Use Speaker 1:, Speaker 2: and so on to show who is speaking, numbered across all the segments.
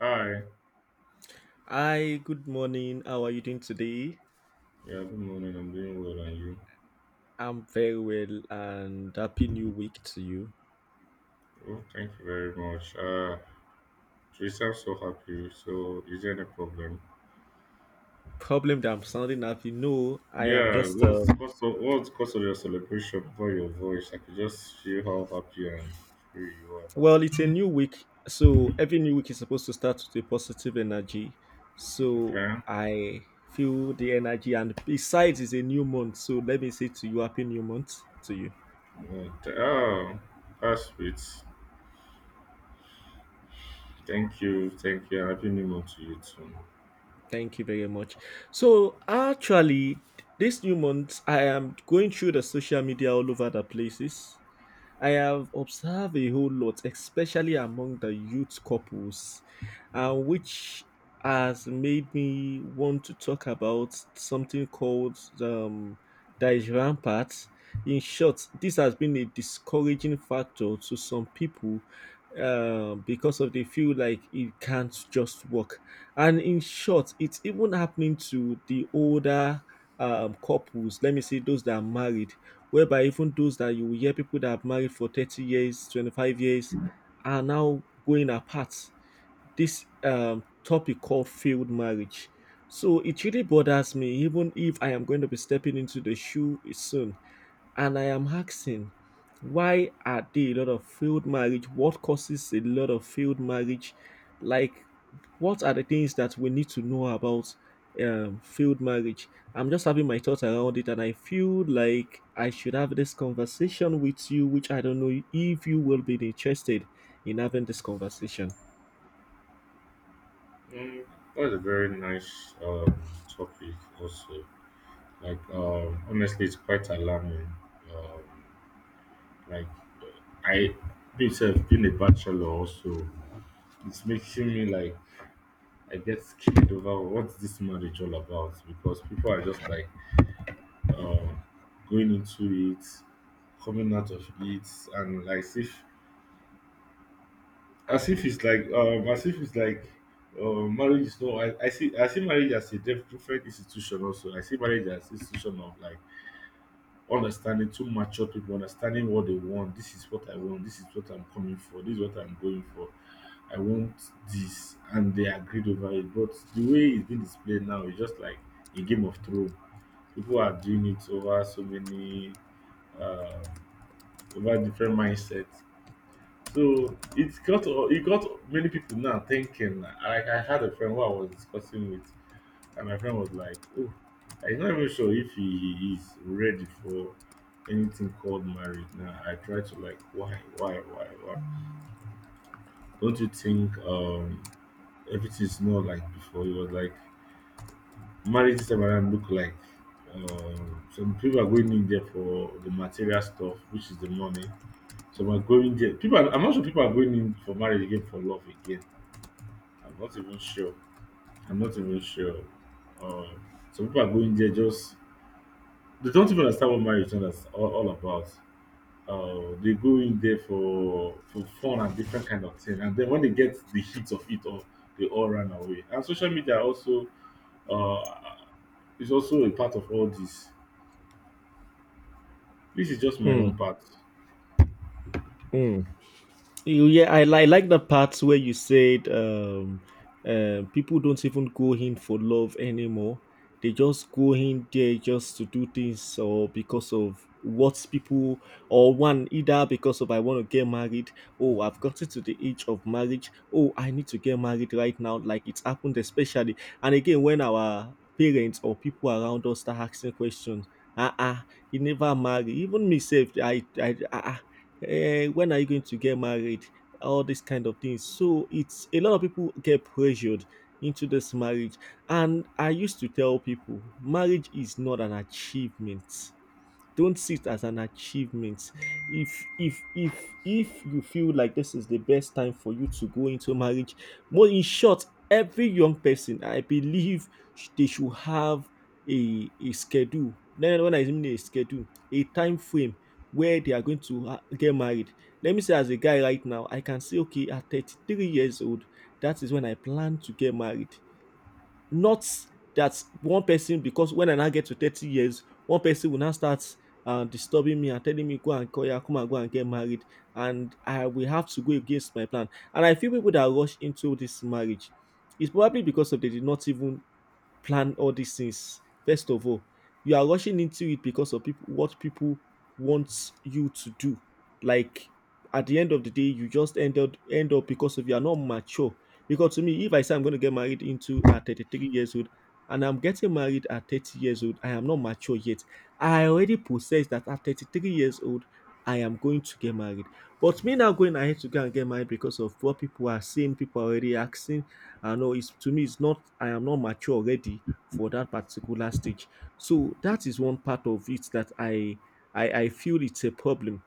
Speaker 1: Hi,
Speaker 2: Hi, good morning. How are you doing today?
Speaker 1: yeah, good morning. I'm doing well, and you?
Speaker 2: I'm very well and happy new week to you.
Speaker 1: Oh, thank you very much. Teresa, I'm so happy. So, is there any problem?
Speaker 2: Problem that I'm sounding happy, no, I am
Speaker 1: Yeah,
Speaker 2: just,
Speaker 1: what's the cause of your celebration for your voice? I could just feel how happy and free you are.
Speaker 2: well, it's a new week. So every new week is supposed to start with a positive energy. So
Speaker 1: Okay.
Speaker 2: I feel the energy, and besides, it's a new month. So let me say to you, happy new month to you.
Speaker 1: Oh, that's sweet. Thank you. Happy New Month to you too.
Speaker 2: Thank you very much. So actually, this new month, I am going through the social media all over the places. I have observed a whole lot, especially among the youth couples, which has made me want to talk about something called Daesh Rampart. In short, this has been a discouraging factor to some people, because of they feel like it can't just work. And in short, it's even happening to the older couples. Let me say those that are married, whereby even those that you will hear people that have married for 30 years, 25 years are now going apart this topic called failed marriage. So it really bothers me, even if I am going to be stepping into the shoe soon. And I am asking, why are there a lot of failed marriage? What causes a lot of failed marriage? Like, what are the things that we need to know about failed marriage? I'm just having my thoughts around it, and I feel like I should have this conversation with you, which I don't know if you will be interested in having this conversation.
Speaker 1: Mm, that's a very nice topic also. Honestly, it's quite alarming. Um, like I myself being a bachelor also, it's making me I get scared over what's this marriage all about, because people are just like uh, going into it, coming out of it, and like as if it's like as if it's like marriage is no I see marriage as a different institution also. I see marriage as institution of like understanding two mature people, understanding what they want. This is what I want, this is what I'm coming for, this is what I'm going for, I want this, and they agreed over it. But the way it's been displayed now is just like a game of thrones. People are doing it over so many uh over different mindsets. So it's got — it got many people now thinking. Like I had a friend who I was discussing with, and my friend was like, "Oh, I'm not even sure if he is ready for anything called marriage now." I tried to like, why, why? Don't you think everything is not like before? It was like marriage this time around look like some people are going in there for the material stuff, which is the money. Some are going there. I'm not sure people are going in for marriage again, for love again. I'm not even sure. I'm not even sure. Some people are going there just — they don't even understand what marriage is all about. They go in there for fun and different kind of thing, and then when they get the heat of it all, they all run away. And social media also uh, is also a part of all this. This is just my own part.
Speaker 2: Mm. Yeah, I like the parts where you said people don't even go in for love anymore. They just go in there just to do things or because of what people or one either because of I want to get married. Oh, I've gotten to the age of marriage. Oh, I need to get married right now. Like it's happened especially. And again, when our parents or people around us start asking questions, ah, ah, you never marry. Even myself, ah, ah, eh, when are you going to get married? All these kind of things. So it's a lot of people get pressured into this marriage. And I used to tell people marriage is not an achievement. Don't see it as an achievement. If you feel like this is the best time for you to go into marriage, more in short, every young person I believe they should have a schedule. Then when I mean a schedule, a time frame where they are going to get married. Let me say as a guy right now, I can say okay, at 33 years old, that is when I plan to get married. Not that one person, because when I now get to 30 years, one person will now start, disturbing me and telling me, go and call, yeah, come and go and get married. And I will have to go against my plan. And I feel people that rush into this marriage, it's probably because of they did not even plan all these things. First of all, you are rushing into it because of people, what people want you to do. Like at the end of the day, you just end up because of you are not mature. Because to me, if I say I'm going to get married into at 33 years old, and I'm getting married at 30 years old, I am not mature yet. I already possess that at 33 years old, I am going to get married. But me now going ahead to go and get married because of what people are saying, people are already asking, I know it's to me, it's not, I am not mature already for that particular stage. So that is one part of it that I feel it's a problem.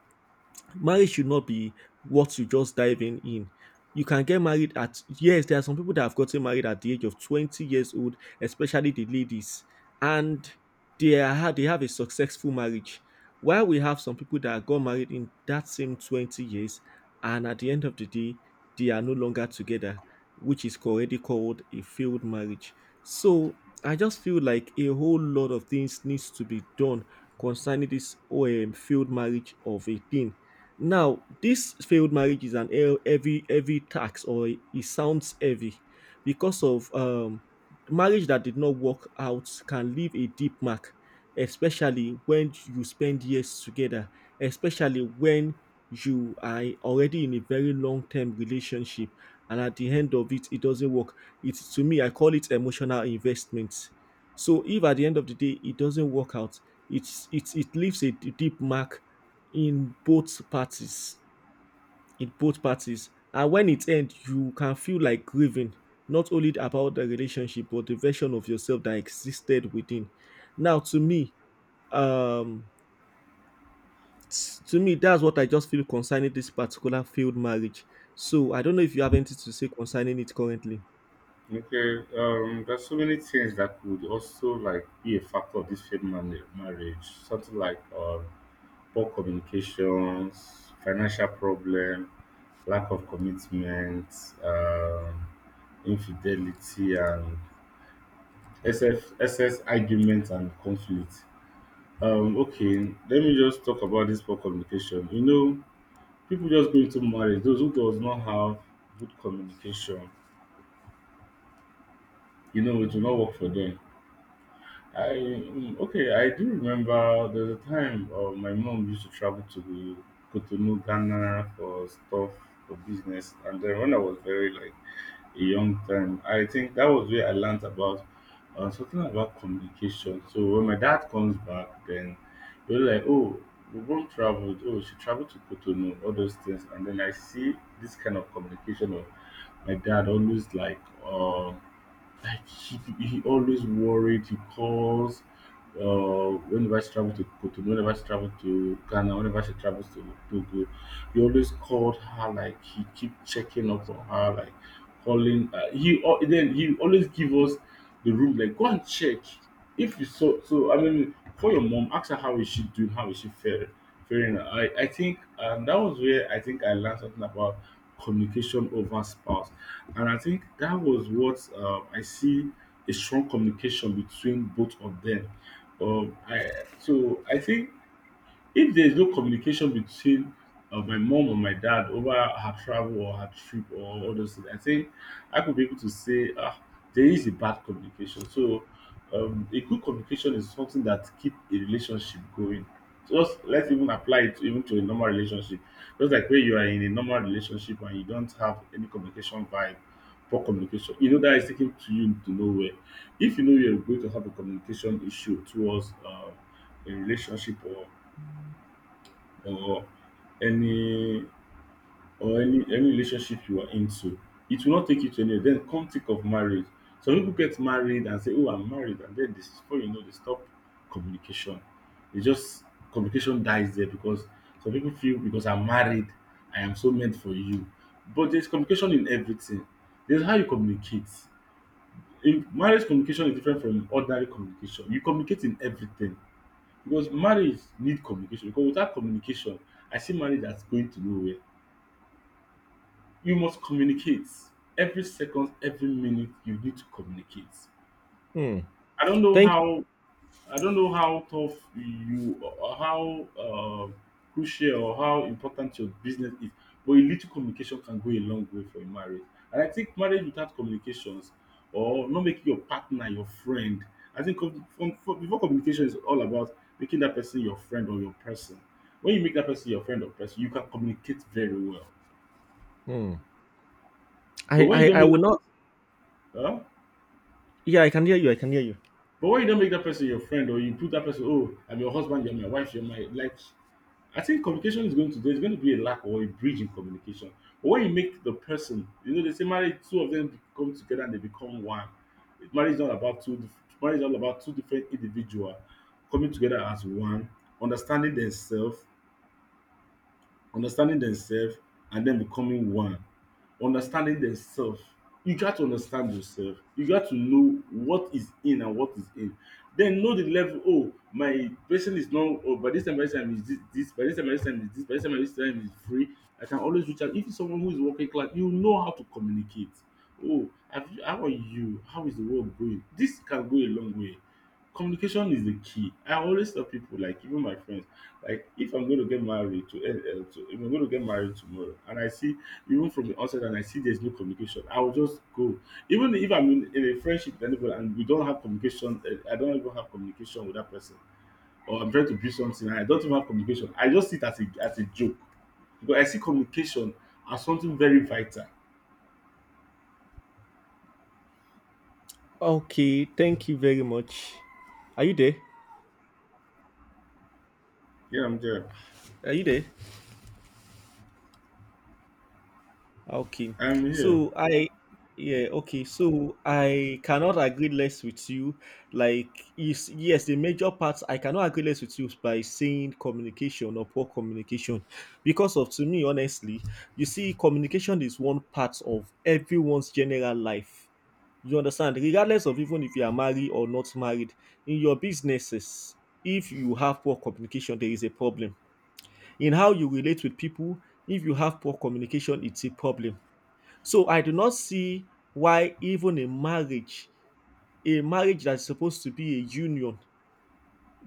Speaker 2: Marriage should not be what you just diving in. You can get married at, yes, there are some people that have gotten married at the age of 20 years old, especially the ladies, and they have a successful marriage. While we have some people that got married in that same 20 years, and at the end of the day, they are no longer together, which is already called a failed marriage. So I just feel like a whole lot of things needs to be done concerning this failed marriage of a thing. Now, this failed marriage is an heavy, heavy tax, or it sounds heavy because of, marriage that did not work out can leave a deep mark, especially when you spend years together, especially when you are already in a very long term relationship, and at the end of it, it doesn't work. It's to me, I call it emotional investment. So if at the end of the day it doesn't work out, it leaves a deep mark in both parties, in both parties. And when it ends, you can feel like grieving, not only about the relationship but the version of yourself that existed within. Now to me, um to me, that's what I just feel concerning this particular failed marriage. So I don't know if you have anything to say concerning it currently.
Speaker 1: Okay, there's so many things that could also like be a factor of this marriage. Something like poor communications, financial problem, lack of commitment, um, infidelity, and excess argument and conflict. Okay, let me just talk about this poor communication. You know, people just go into marriage. Those who does not have good communication, you know, it will not work for them. Okay, I do remember there's a time my mom used to travel to Cotonou, Ghana for stuff, for business. And then when I was very like a young time, I think that was where I learned about something about communication. So when my dad comes back, then they were like, "Oh, we both traveled. Oh, she traveled to Cotonou, all those things." And then I see this kind of communication of my dad always like. He always worried. He calls. Whenever she travels to Kotonou, whenever she travels to Ghana, whenever she travels to Togo, he always called her. Like he keep checking up on her. Like calling, then he always give us the room like, go and check if you saw, so I mean, for your mom, ask her how is she doing, how is she fair faring. I think that was where I think I learned something about communication over spouse. And I think that was what I see a strong communication between both of them. I So I think if there is no communication between my mom or my dad over her travel or her trip or all those things, I think I could be able to say, ah, there is a bad communication. So a good communication is something that keep a relationship going. Just let's even apply it even to a normal relationship. Just like when you are in a normal relationship and you don't have any communication vibe, poor communication, you know that is taking to you to nowhere. If you know you're going to have a communication issue towards a relationship or or any any relationship you are into, it will not take you to anywhere. Then come think of marriage. Some people get married and say, "Oh, I'm married," and then this, before you know, they stop communication. They just — communication dies there, because some people feel because I'm married, I am so meant for you. But there's communication in everything. There's how you communicate. In marriage, communication is different from ordinary communication. You communicate in everything, because marriage need communication. Because without communication, I see marriage as going to nowhere. You must communicate every second, every minute you need to communicate.
Speaker 2: Hmm.
Speaker 1: I don't know
Speaker 2: Thank you.
Speaker 1: how — tough you or how crucial or how important your business is, but a little communication can go a long way for a marriage. And I think marriage without communications, or not making your partner your friend — I think from before, communication is all about making that person your friend or your person. When you make that person your friend or person, you can communicate very well.
Speaker 2: Hmm.
Speaker 1: But
Speaker 2: I,
Speaker 1: when you
Speaker 2: I
Speaker 1: don't
Speaker 2: i
Speaker 1: make
Speaker 2: will
Speaker 1: that
Speaker 2: not.
Speaker 1: person, huh?
Speaker 2: Yeah, I can hear you.
Speaker 1: But when you don't make that person your friend, or you put that person, oh, I'm your husband, you're my wife, you're my like — I think communication is going to — there's going to be a lack or a bridge in communication. But when you make the person, you know, they say marriage, two of them come together and they become one. Marriage is not about two. Dif- Marriage is all about two different individuals coming together as one, understanding themselves, understanding themselves and then becoming one, understanding themselves. You got to understand yourself, you got to know what is in and what is in, then know the level. Oh, my person is not — oh, by this time, by this time is this, this by this time, by this time is this, by this time is free, I can always reach out. If it's someone who is working class, you know how to communicate. Oh, have you — how are you, how is the world going. This can go a long way. Communication is the key. I always tell people, like even my friends, like if I'm going to get married to, if I'm going to get married tomorrow, and I see even from the onset, and I see there's no communication, I will just go. Even if I'm in a friendship with anybody and we don't have communication, I don't even have communication with that person, or I'm trying to build something and I don't even have communication, I just see it as a joke, because I see communication as something very vital.
Speaker 2: Okay, thank you very much. Are you there?
Speaker 1: Yeah, I'm there.
Speaker 2: Are you there? Okay.
Speaker 1: I'm here.
Speaker 2: So I, yeah, okay. So I cannot agree less with you. Like is yes, the major part I cannot agree less with you by saying communication or poor communication. Because of to me, honestly, you see, communication is one part of everyone's general life. You understand? Regardless of even if you are married or not married, in your businesses, if you have poor communication, there is a problem. In how you relate with people, if you have poor communication, it's a problem. So I do not see why even a marriage that's supposed to be a union,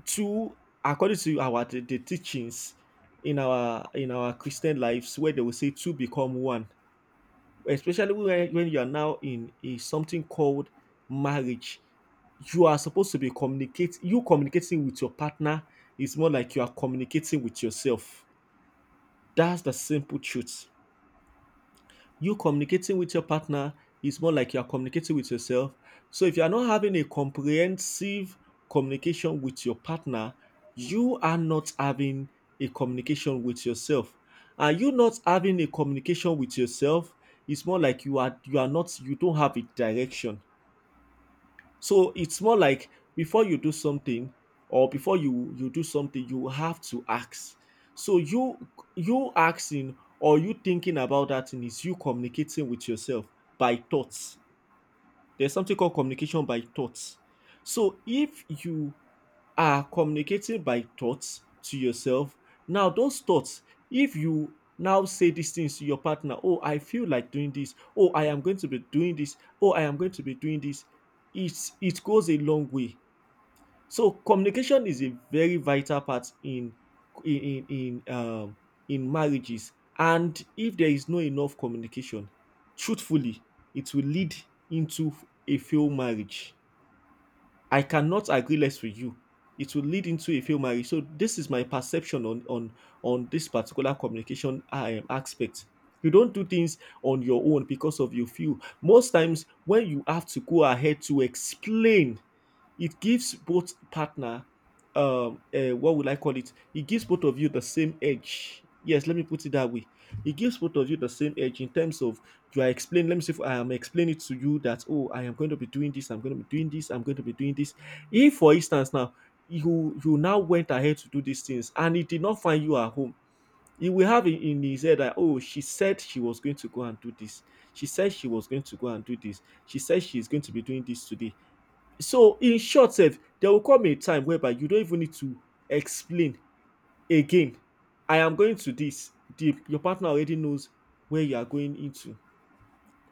Speaker 2: two, according to our the teachings in our Christian lives, where they will say two become one, especially when you are now in a something called marriage. You are supposed to be communicate, you communicating with your partner is more like you are communicating with yourself. That's the simple truth. You communicating with your partner is more like you are communicating with yourself. So if you are not having a comprehensive communication with your partner, you are not having a communication with yourself. And you not having a communication with yourself is more like you are, you are not, you don't have a direction. So it's more like before you do something, or before you do something, you have to ask. So you asking or you thinking about that thing is you communicating with yourself by thoughts. There's something called communication by thoughts. So if you are communicating by thoughts to yourself. Now, those thoughts, if you now say these things to your partner, oh, I feel like doing this, oh, I am going to be doing this, oh, I am going to be doing this, it's, it goes a long way. So communication is a very vital part in in in in, um, in marriages, and if there is no enough communication, truthfully, it will lead into a failed marriage. I cannot agree less with you. It will lead into a failed marriage. So this is my perception on on this particular communication aspect. You don't do things on your own because of your feel. Most times when you have to go ahead to explain, it gives both partner what would I call it? It gives both of you the same edge. Yes, let me put it that way. It gives both of you the same edge in terms of you are explaining, let me see if I am explaining to you that, oh, I am going to be doing this, I'm going to be doing this, I'm going to be doing this. If, for instance, now you now went ahead to do these things and he did not find you at home, he will have in his head that, oh, she said she was going to go and do this. She said she was going to go and do this. She said she is going to be doing this today. So, in short, sef, there will come a time whereby you don't even need to explain again. I am going to this. The, your partner already knows where you are going into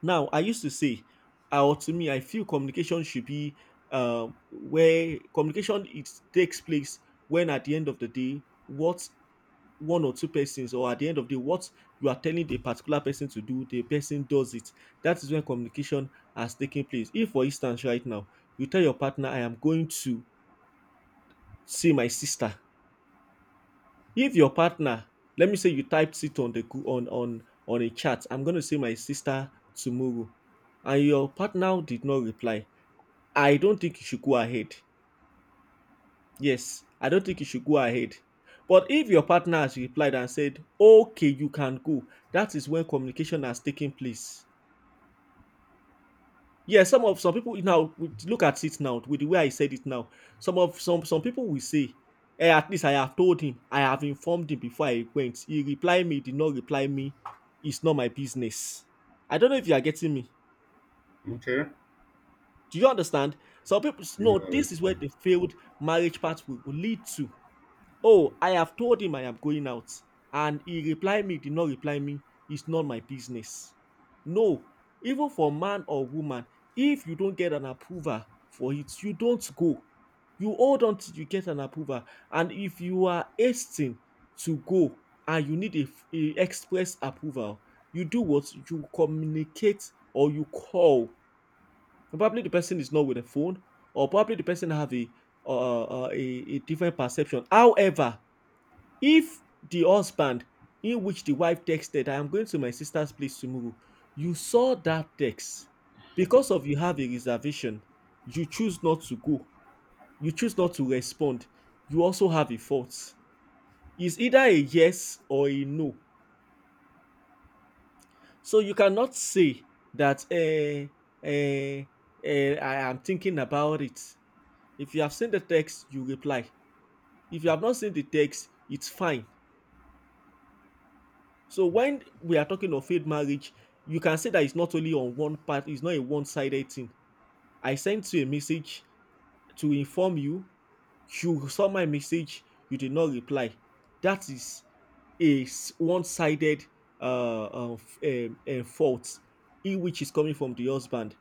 Speaker 2: now. I used to say, or to me, I feel communication should be where communication it takes place when at the end of the day, what one or two persons, or at the end of the day, what you are telling the particular person to do, the person does it. That is when communication has taken place. If, for instance, right now, you tell your partner, I am going to see my sister. If your partner, let me say you typed it on the gr- on a chat, I'm gonna say my sister tomorrow, and your partner did not reply, I don't think you should go ahead. Yes, I don't think you should go ahead. But if your partner has replied and said, okay, you can go, that is when communication has taken place. Yeah, some people now look at it now with the way I said it now. Some of some people will say, "Eh, at least I have told him, I have informed him before I went. He replied me, did not reply me. It's not my business." I don't know if you are getting me.
Speaker 1: Okay.
Speaker 2: Do you understand? Some people no.
Speaker 1: Yeah.
Speaker 2: This is where the failed marriage part will lead to. Oh, I have told him I am going out, and he replied me, did not reply me, it's not my business. No, even for man or woman, if you don't get an approval for it, you don't go. You hold on till you get an approval. And if you are hasting to go and you need a express approval, you do what? You communicate or you call. Probably the person is not with a phone, or probably the person have a different perception. However, if the husband in which the wife texted, I am going to my sister's place tomorrow, you saw that text, because of you have a reservation, you choose not to go, you choose not to respond, you also have a fault. It's either a yes or a no. So you cannot say that eh, I am thinking about it. If you have seen the text, you reply. If you have not seen the text, it's fine. So when we are talking of failed marriage, you can say that it's not only on one part, it's not a one-sided thing. I sent you a message to inform you, you saw my message, you did not reply. That is a one-sided uh, uh, f- fault, in which is coming from the husband.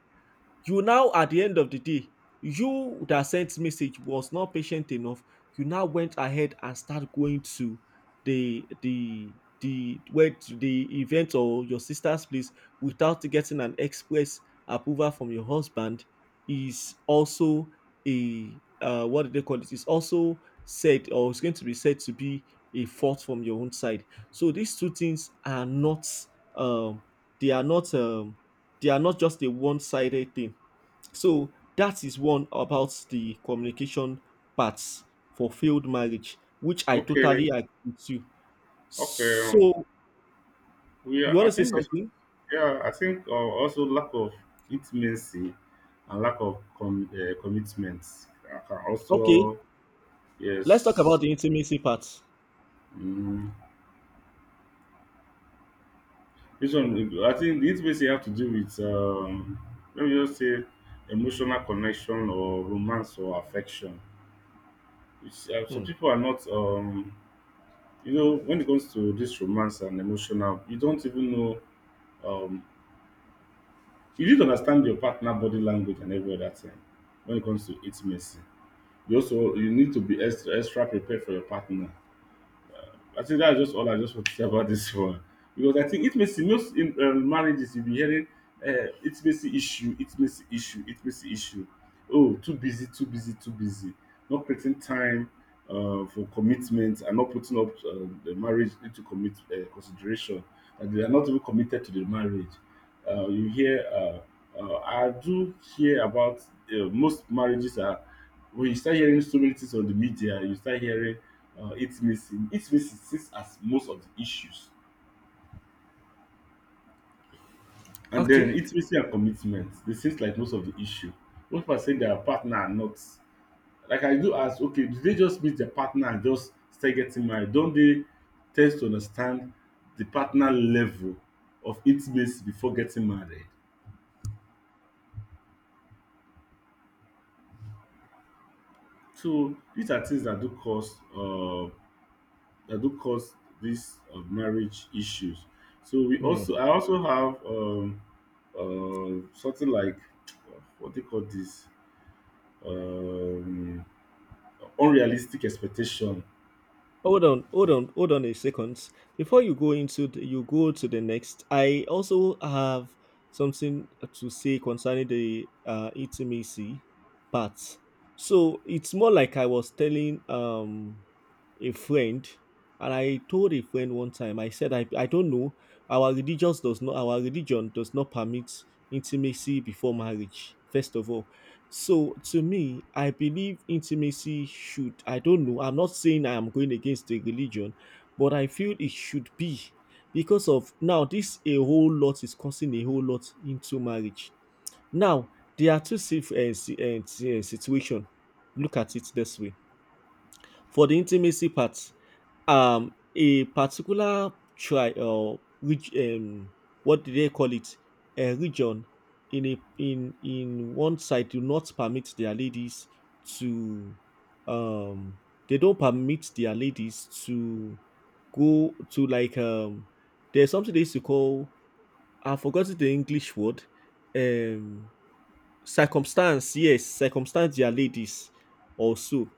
Speaker 2: You now, at the end of the day, you that sent message was not patient enough. You now went ahead and start going to the the the where, to the event or your sister's place, without getting an express approval from your husband, is also a what do they call it? Is also said, or is going to be said, to be a fault from your own side. So these two things are not um they are not um just a one-sided thing. So that is one about the communication parts for failed marriage, which I
Speaker 1: Okay.
Speaker 2: totally agree with you.
Speaker 1: Okay.
Speaker 2: So,
Speaker 1: We
Speaker 2: you
Speaker 1: are,
Speaker 2: want
Speaker 1: I
Speaker 2: to say
Speaker 1: think,
Speaker 2: something?
Speaker 1: yeah, I think also lack of intimacy and lack of commitment can
Speaker 2: Okay,
Speaker 1: also,
Speaker 2: let's talk
Speaker 1: yes.
Speaker 2: about the intimacy part.
Speaker 1: Mm, this one, I think the intimacy have to do with, let me just say, emotional connection or romance or affection. Which, so
Speaker 2: Hmm.
Speaker 1: people are not, you know, when it comes to this romance and emotional, you don't even know, um, you need to understand your partner body language and every other thing when it comes to intimacy. You also — you need to be extra prepared for your partner. I think that's just all I just want to say about this one, because I think intimacy most in marriages you'll be hearing intimacy issue, intimacy issue, intimacy issue. Oh, too busy, too busy, too busy. Not creating time for commitment, and not putting up the marriage into commit consideration, that they are not even committed to the marriage. You hear, I do hear about most marriages are — when you start hearing so many things on the media, you start hearing intimacy. Intimacy seems as most of the issues. And then
Speaker 2: Okay.
Speaker 1: intimacy and commitment, they seems like most of the issue. Most people are saying their partner are not. Like I do ask, okay, do they just meet their partner and just start getting married? Don't they tend to understand the partner level of intimacy before getting married? So these are things that do cause that do cause these marriage issues. So we
Speaker 2: Hmm.
Speaker 1: also — I also have something like what they call this, um unrealistic expectation.
Speaker 2: Hold on, hold on, hold on a second. Before you go to the next, I also have something to say concerning the intimacy part. So it's more like I was telling a friend, and I told a friend one time. I said I don't know. Our religion does not permit intimacy before marriage. First of all, so to me, I believe intimacy should, I don't know, I'm not saying I am going against the religion, but I feel it should be, because of now this a whole lot is causing a whole lot into marriage. Now, there are two situations. Look at it this way. For the intimacy part, a particular try or which, what do they call it? A region, in a in in one side, do not permit their ladies to, um they don't permit their ladies to go to, like, there's something they used to call, I've forgotten the English word, um circumstance, yes, circumstance their ladies also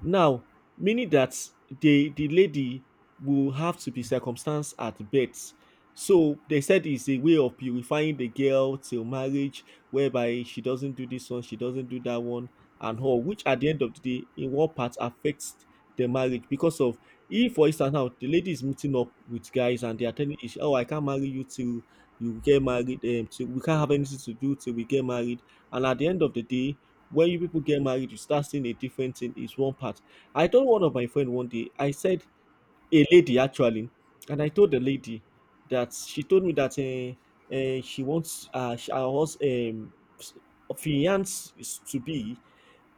Speaker 2: now, meaning that the lady will have to be circumstanced at birth. So they said it's a way of purifying the girl till marriage, whereby she doesn't do this one, she doesn't do that one, and all, which, at the end of the day, in one part affects the marriage, because of, if for instance now the lady is meeting up with guys and they are telling each, oh, I can't marry you till you get married, till, we can't have anything to do till we get married. And at the end of the day, when you people get married, you start seeing a different thing. Is one part. I told one of my friend one day. I said, a lady actually, and I told the lady that she told me that she wants, she, her hus- s- fiance is to be,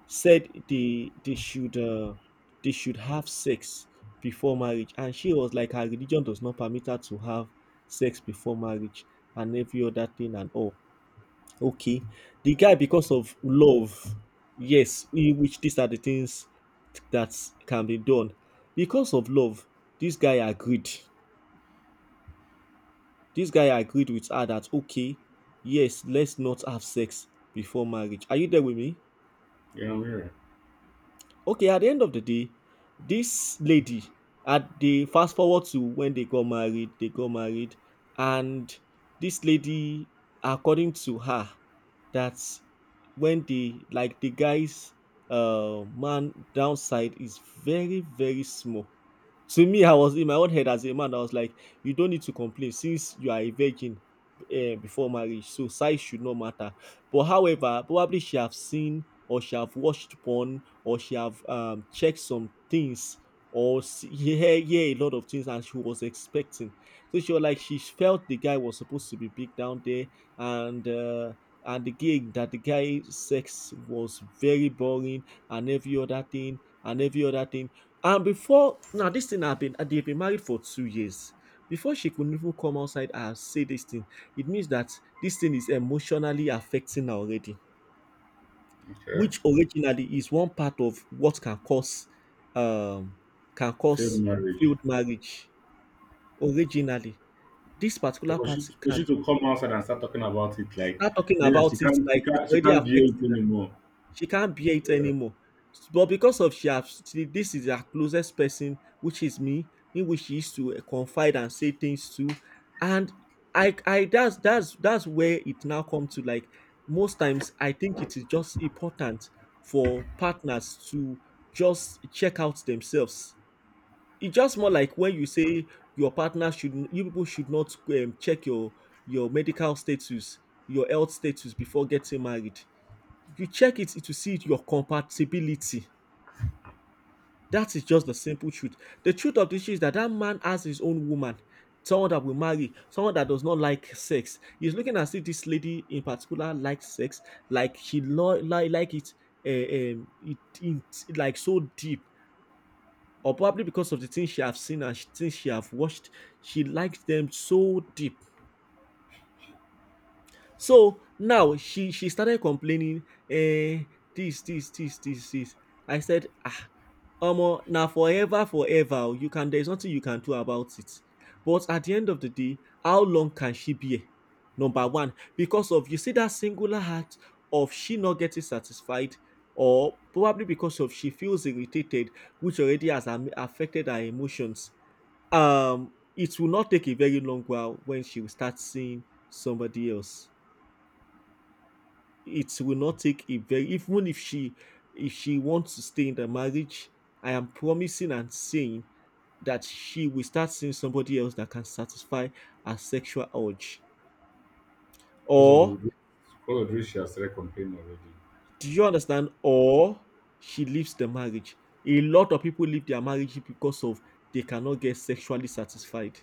Speaker 2: said they they should have sex before marriage, and she was like, her religion does not permit her to have sex before marriage, and every other thing and all. Okay. The guy, because of love, yes, we, which, these are the things that can be done. Because of love, this guy agreed. This guy agreed with her that, okay, yes, let's not have sex before marriage. Are you there with me?
Speaker 1: Yeah, yeah.
Speaker 2: Okay, at the end of the day, this lady, at the, fast forward to when they got married, and this lady, according to her, that when the, like, the guy's man downside is very, very small. To me, I was in my own head as a man. I was like, you don't need to complain, since you are a virgin before marriage, so size should not matter. But however, probably she have seen, or she have watched porn, or she have checked some things, or see, hear a lot of things, and she was expecting. So she was like, she felt the guy was supposed to be big down there, and and the gig that the guy sex was very boring, and every other thing, and every other thing. And before now, this thing have been, they've been married for 2 years. Before she could even come outside and say this thing, it means that this thing is emotionally affecting her already,
Speaker 1: Okay.
Speaker 2: which originally is one part of what um can
Speaker 1: Failed
Speaker 2: cause
Speaker 1: marriage.
Speaker 2: failed marriage originally. This
Speaker 1: So
Speaker 2: particular
Speaker 1: for
Speaker 2: part
Speaker 1: she, for
Speaker 2: can
Speaker 1: she to come outside and start talking about it like,
Speaker 2: start talking
Speaker 1: yeah, she
Speaker 2: about it
Speaker 1: can't she
Speaker 2: like it's
Speaker 1: can't she
Speaker 2: already
Speaker 1: can't do
Speaker 2: affecting.
Speaker 1: it anymore.
Speaker 2: She can't bear it
Speaker 1: Yeah.
Speaker 2: anymore. But because of she have she, this is her closest person, which is me, in which she used to confide and say things to. And I that's where it now comes to, like, most times I think it is just important for partners to just check out themselves. It's just more like when you say your partner should, you people should not check your medical status, your health status, before getting married. If you check it, it will see your compatibility. That is just the simple truth. The truth of the issue is that, that man has his own woman, someone that will marry, someone that does not like sex. He's looking as if this lady in particular likes sex, like like it, uh, um, it, it like so deep, or probably because of the things she have seen, and things she have watched, she likes them so deep. So now she started complaining, "Eh, this this this this this." I said, ah, omo na forever forever oo, you can, there is nothing you can do about it. But at the end of the day, how long can she bear? Number one, because of, you see that singular act of she not getting satisfied, or probably because of she feels irritated, which already has am affected her emotions. It will not take a very long while when she will start seeing somebody else. It will not take a very, even if she wants to stay in the marriage, I am promising and saying that she will start seeing somebody else that can satisfy her sexual urge,
Speaker 1: Because of the
Speaker 2: or,
Speaker 1: because of the way she has started complaining already.
Speaker 2: do you understand, or she leaves the marriage. A lot of people leave their marriage because of they cannot get sexually satisfied.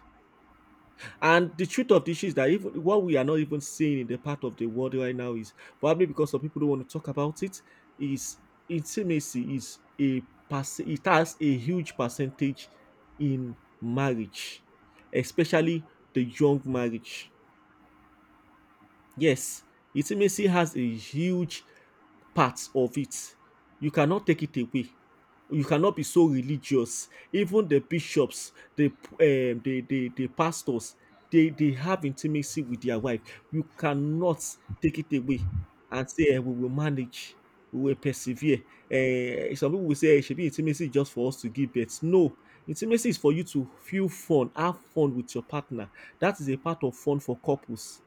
Speaker 2: And the truth of the issue is that, even what we are not even seeing in the part of the world right now, is probably because some people don't want to talk about it. Is, intimacy is it has a huge percentage in marriage, especially the young marriage. Yes, intimacy has a huge part of it. You cannot take it away. You cannot be so religious. Even the bishops, the the pastors, they have intimacy with their wife. You cannot take it away and say we will manage, we will persevere. Eh, some people will say eh, it should be intimacy just for us to give birth. No, intimacy is for you to feel fun, have fun with your partner. That is a part of fun for couples,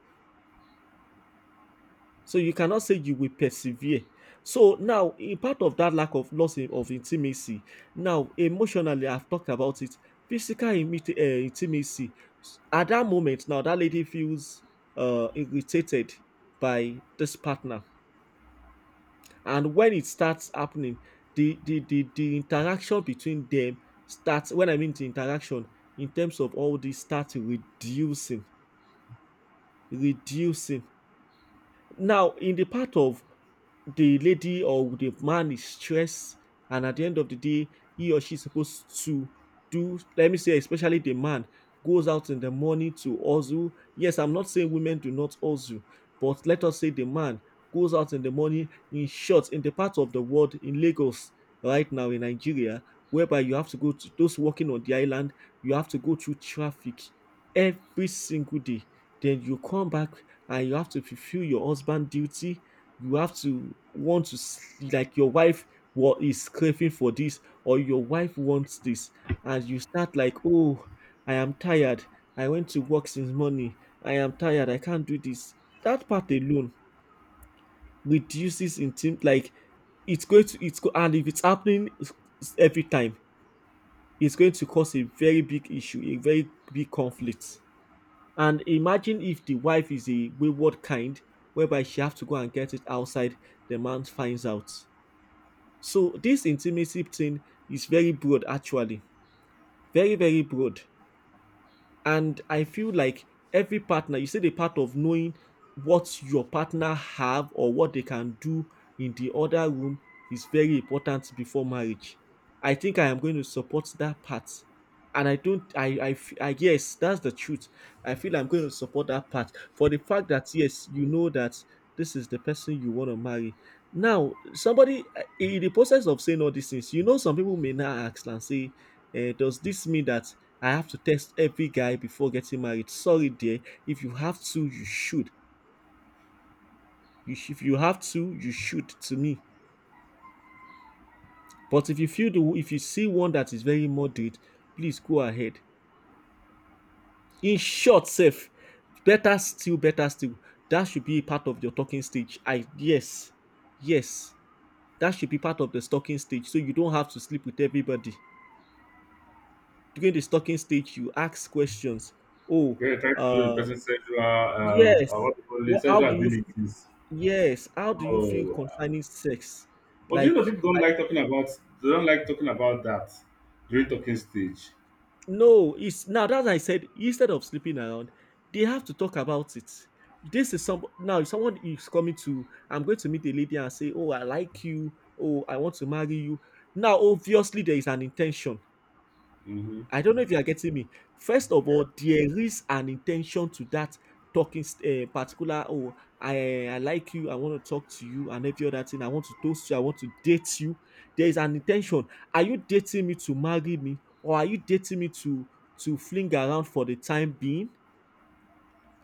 Speaker 2: so you cannot say you will persevere. So now, in part of that lack of loss of intimacy, now emotionally, I've talked about it. Physical intimacy. At that moment, now that lady feels irritated by this partner, and when it starts happening, the interaction between them starts. When I mean the interaction in terms of all this starts reducing, reducing. Now, in the part of the lady or the man is stressed, and at the end of the day, he or she is supposed to do, let me say, especially the man goes out in the morning to hustle. Yes, I'm not saying women do not hustle, but let us say the man goes out in the morning. In short, in the part of the world, in Lagos, right now in Nigeria, whereby you have to go to those working on the island, you have to go through traffic every single day. Then you come back and you have to fulfill your husband duty, you have to want to like your wife, what is craving for this or your wife wants this, and you start like, oh, I am tired, I went to work since morning, I am tired, I can't do this. That part alone reduces intim like it's going to it's go and if it's happening every time, it's going to cause a very big issue, a very big conflict. And imagine if the wife is a wayward kind, whereby she have to go and get it outside, the man finds out. So this intimacy thing is very broad actually, very broad, and I feel like every partner, you see the part of knowing what your partner have or what they can do in the other room is very important before marriage. I think I am going to support that part, and I don't I, f- I yes, that's the truth. I feel I'm going to support that part for the fact that, yes, you know that this is the person you want to marry. Now somebody, in the process of saying all these things, you know, some people may now ask and say, does this mean that I have to test every guy before getting married? Sorry, dear. If you have to, you should. If you have to, you should. To me. But if you feel the if you see one that is very moderate, please go ahead. In short, safe. Better still, better still. That should be a part of your talking stage. I Yes, yes. That should be part of the stalking stage. So you don't have to sleep with everybody. During the stalking stage, you ask questions. Oh,
Speaker 1: Yeah, trying to know the
Speaker 2: uh,
Speaker 1: person's sexual
Speaker 2: yes.
Speaker 1: what do you call it,
Speaker 2: What? How
Speaker 1: sexual
Speaker 2: do you
Speaker 1: abilities.
Speaker 2: Yes, how do you feel
Speaker 1: Oh,
Speaker 2: concerning sex?
Speaker 1: but do you know
Speaker 2: Like,
Speaker 1: people don't like talking about, they don't like talking about that during talking stage.
Speaker 2: no, it's now that I said instead of sleeping around, they have to talk about it. This is some now If someone is coming to, I'm going to meet a lady and say, oh, I like you, oh, I want to marry you. Now, obviously, there is an intention.
Speaker 1: Mm-hmm.
Speaker 2: I don't know if you are getting me. First of
Speaker 1: Yeah.
Speaker 2: all, there is an intention to that talking particular. Oh, I like you. I want to talk to you, and every other thing. I want to toast you. I want to date you. There is an intention. Are you dating me to marry me, or are you dating me to fling around for the time being?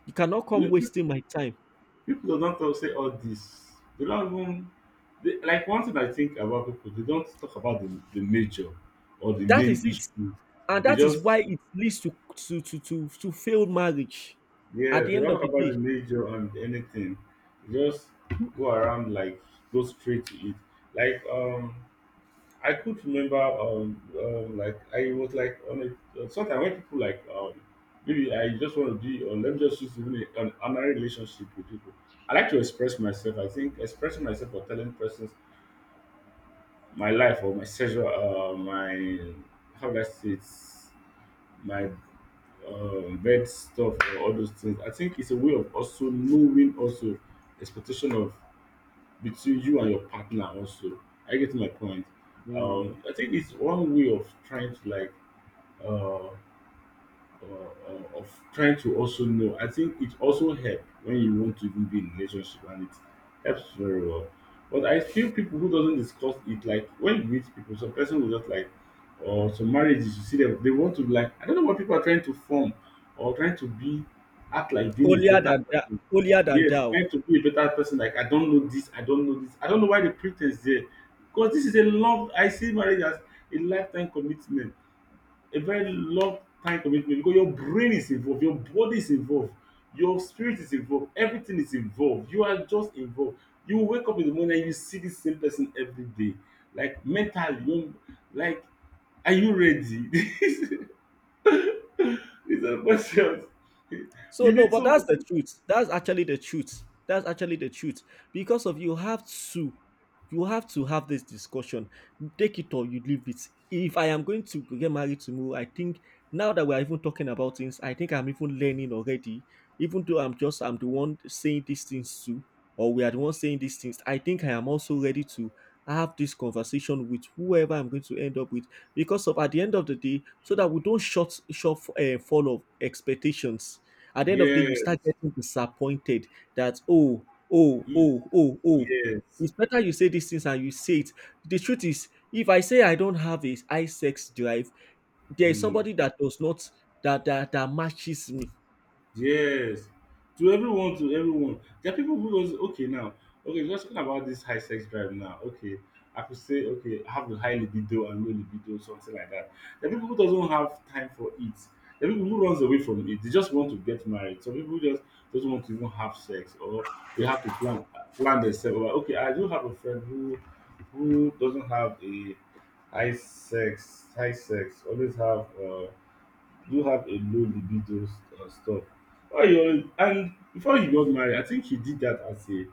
Speaker 2: You cannot come
Speaker 1: Pe- pe-
Speaker 2: wasting my time.
Speaker 1: People don't talk, say all this. They don't even like, one thing I think about people: they don't talk about the major or the
Speaker 2: That
Speaker 1: main
Speaker 2: is it,
Speaker 1: issue.
Speaker 2: and
Speaker 1: They
Speaker 2: that is
Speaker 1: just,
Speaker 2: why it leads to failed marriage. At
Speaker 1: yeah,
Speaker 2: the
Speaker 1: they
Speaker 2: end
Speaker 1: don't
Speaker 2: of
Speaker 1: talk
Speaker 2: the
Speaker 1: about the
Speaker 2: day.
Speaker 1: major and anything. They just go around like, go straight to it. Like, I could remember, like I was like on a sometimes when people like, maybe I just want to be on. Let me just use even a- an ordinary relationship with people. I like to express myself. I think expressing myself or telling persons my life or my sexual, my, how do I say it, my bad stuff or all those things, I think it's a way of also knowing, also expectation of between you and your partner also. I get my point.
Speaker 2: Mm.
Speaker 1: I think it's one way of trying to like uh, of trying to also know. I think it also helps when you want to even be in a relationship, and it helps very well. But I feel people who doesn't discuss it, like when you meet people, some person will just like, or some marriages, you see them, they want to be like, I don't know what people are trying to form or trying to be, act like being a
Speaker 2: Holier
Speaker 1: better
Speaker 2: than that,
Speaker 1: person.
Speaker 2: holier than
Speaker 1: Yes,
Speaker 2: thou.
Speaker 1: trying to be a better person. Like, I don't know this, I don't know this, I don't know why the pretense there. Because this is a love. I see marriage as a lifetime commitment, a very long time commitment, because your brain is involved, your body is involved, your spirit is involved, everything is involved. You are just involved. You wake up in the morning and you see the same person every day. Like mentally, you know, like, are you ready? These are questions.
Speaker 2: So,
Speaker 1: You
Speaker 2: no,
Speaker 1: need
Speaker 2: but that's
Speaker 1: to.
Speaker 2: the truth. That's actually the truth. That's actually the truth. Because of to, you have to have this discussion. Take it or you leave it. If I am going to get married tomorrow, I think now that we are even talking about things, I think I'm even learning already. Even though I'm the one saying these things to, or we are the one saying these things. I think I am also ready to have this conversation with whoever I'm going to end up with. Because of at the end of the day, so that we don't short short fall of expectations at the end of the day, you start
Speaker 1: Yes.
Speaker 2: getting disappointed that, oh, oh.
Speaker 1: Yes.
Speaker 2: It's better you say these things and you say it. The truth is, if I say I don't have a high sex drive, there is
Speaker 1: Mm.
Speaker 2: somebody that does not that matches me.
Speaker 1: Yes, to everyone, to everyone. There are people who was okay now. Okay, just talking about this high sex drive now. Okay, I could say okay, I have the high libido and low libido, something like that. There are people who doesn't have time for it. There are people who runs away from it. They just want to get married. Some people just doesn't want to even have sex, or they have to plan themselves. Well, okay, I do have a friend who doesn't have a high sex, high sex. Always have. Do have a low libido stuff. Why you always, and before you got married, I think he did that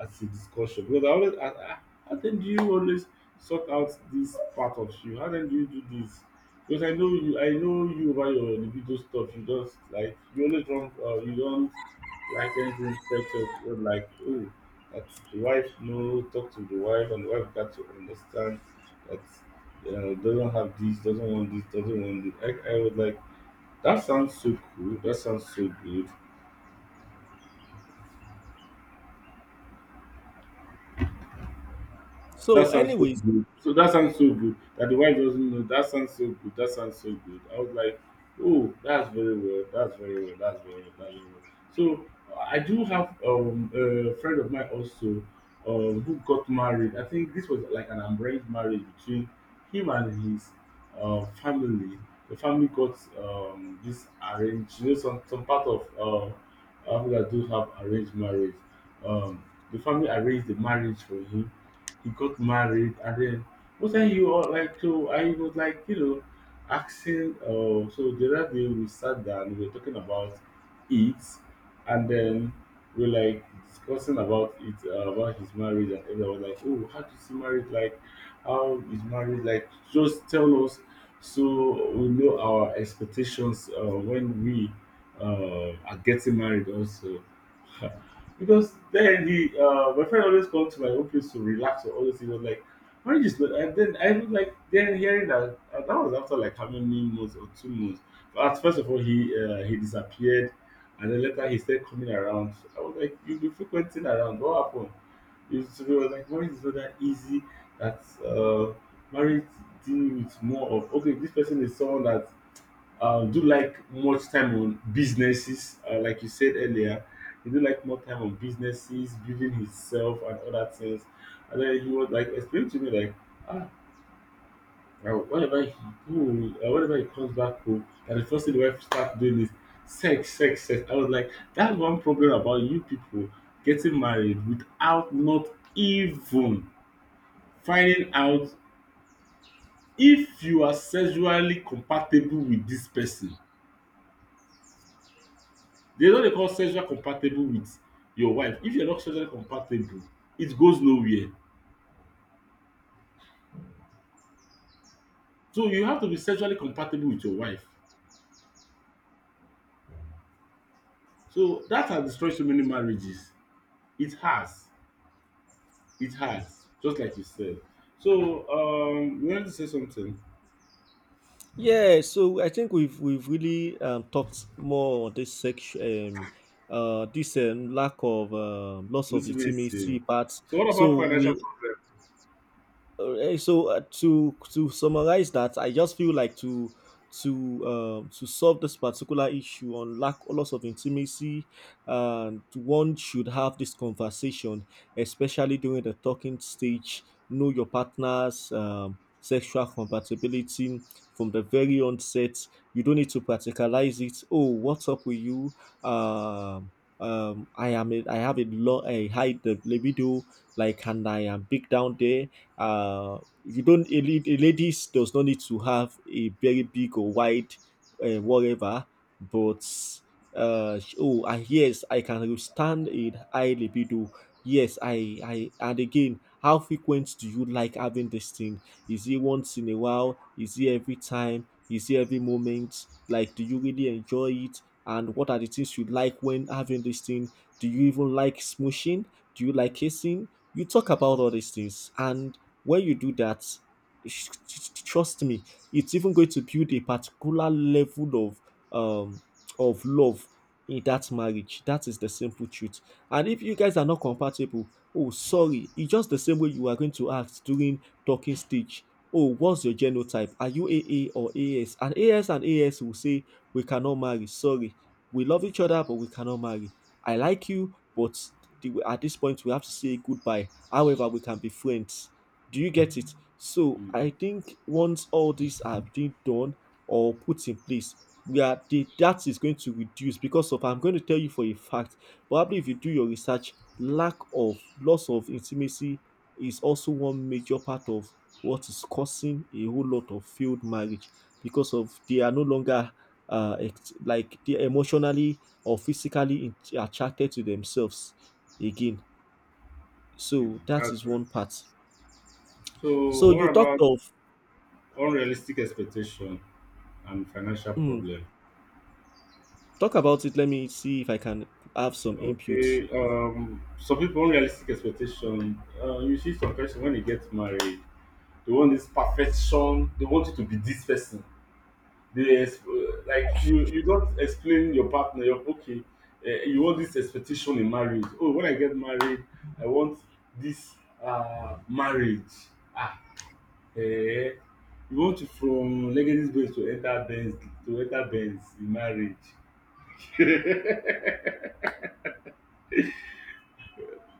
Speaker 1: as a discussion, because I always ask, ah, how then do you always sort out this part of you? How then do you do this? Because I know you about your libido stuff. You just like, you always don't, you don't like anything sexual. Or like, oh, that, the wife. No, talk to the wife and the wife got to understand that doesn't have this, doesn't want this, doesn't want this. I was like, that sounds so cool. That sounds so good. That
Speaker 2: So,
Speaker 1: sounds so
Speaker 2: anyways,
Speaker 1: good. So that sounds so good that the wife doesn't know. That sounds so good. That sounds so good. I was like, oh, that's very well. That's very well. That's very well. That's very well. So I do have a friend of mine also who got married. I think this was like an arranged marriage between him and his family. The family got this arranged. You know, some part of Africa do have arranged marriage. Um, the family arranged the marriage for him. He got married, and then what are you all like, so I was like, you know, asking so the other day we sat down, we were talking about it, and then we were like discussing about it about his marriage, and everyone was like, oh, how does see married like, how is married like, just tell us so we know our expectations when we are getting married also, yeah. Because then he my friend always come to my own place to relax, or always he was like marriage is not, and then I was like then hearing that that was after like how many months or 2 months. But first of all he disappeared and then later he started coming around. I was like, you've been frequenting around, what happened? He was like, marriage is not that easy, that marriage deal with more of, okay, this person is someone that do like much time on businesses, like you said earlier? He do like more time on businesses, building himself and other things. And then he was like, explain to me like, ah, now whenever he, ooh, whenever he comes back home, and the first thing the wife starts doing is sex, sex, sex. I was like, that's one problem about you people getting married without not even finding out if you are sexually compatible with this person. There's what they call sexual compatible with your wife. If you're not sexually compatible, it goes nowhere. So you have to be sexually compatible with your wife. So that has destroyed so many marriages. It has. It has. Just like you said. So, um, you wanted to say something?
Speaker 2: yeah. So I think we've really talked more on this section, this lack of loss of
Speaker 1: This is it.
Speaker 2: intimacy parts.
Speaker 1: So what about
Speaker 2: So
Speaker 1: financial
Speaker 2: we,
Speaker 1: problem?
Speaker 2: To summarize that, I just feel like to to solve this particular issue on lack loss of intimacy, and one should have this conversation, especially during the talking stage. Know your partner's sexual compatibility from the very onset. You don't need to practicalize it. Oh, what's up with you? Um, I am a, I have a low a high libido, like, and I am big down there. uh you don't a ladies does not need to have a very big or wide, whatever. But oh, yes, I can withstand a high libido. Yes, I, and again, how frequent do you like having this thing? Is it once in a while, is it every time, is it every moment? Like, do you really enjoy it, and what are the things you like when having this thing? Do you even like smooshing? Do you like kissing? You talk about all these things, and when you do that, trust me, it's even going to build a particular level um of love in that marriage. That is the simple truth. And if you guys are not compatible, oh, sorry, it's just the same way you are going to act during talking stage. Oh, what's your genotype? Are you AA or AS? And AS and AS will say we cannot marry. Sorry, we love each other, but we cannot marry. I like you, but at this point we have to say goodbye. However, we can be friends. Do you get it? So I
Speaker 1: Mhm,
Speaker 2: think once all these are being done or put in place, that is going to reduce because of I'm going to tell you for a fact. Probably if you do your research, lack of loss of intimacy is also one major part of what is causing a whole lot of failed marriage because of they are no longer like they emotionally or physically attracted to themselves again.
Speaker 1: mhm,
Speaker 2: So that
Speaker 1: that's
Speaker 2: is
Speaker 1: right.
Speaker 2: one part.
Speaker 1: So
Speaker 2: So
Speaker 1: what
Speaker 2: you talked
Speaker 1: about
Speaker 2: of.
Speaker 1: unrealistic expectation and financial
Speaker 2: Mm,
Speaker 1: problem?
Speaker 2: talk about it. Let me see if I can have some input.
Speaker 1: Okay, some people unrealistic expectation. You see, some person when they get married, they want this perfection. They want you to be this person. Like you. You don't explain your partner. You're okay. You want this expectation in marriage. Oh, when I get married, I want this marriage. Ah, eh. You want to from Legacy Benz to enter Benz to enter Benz in marriage.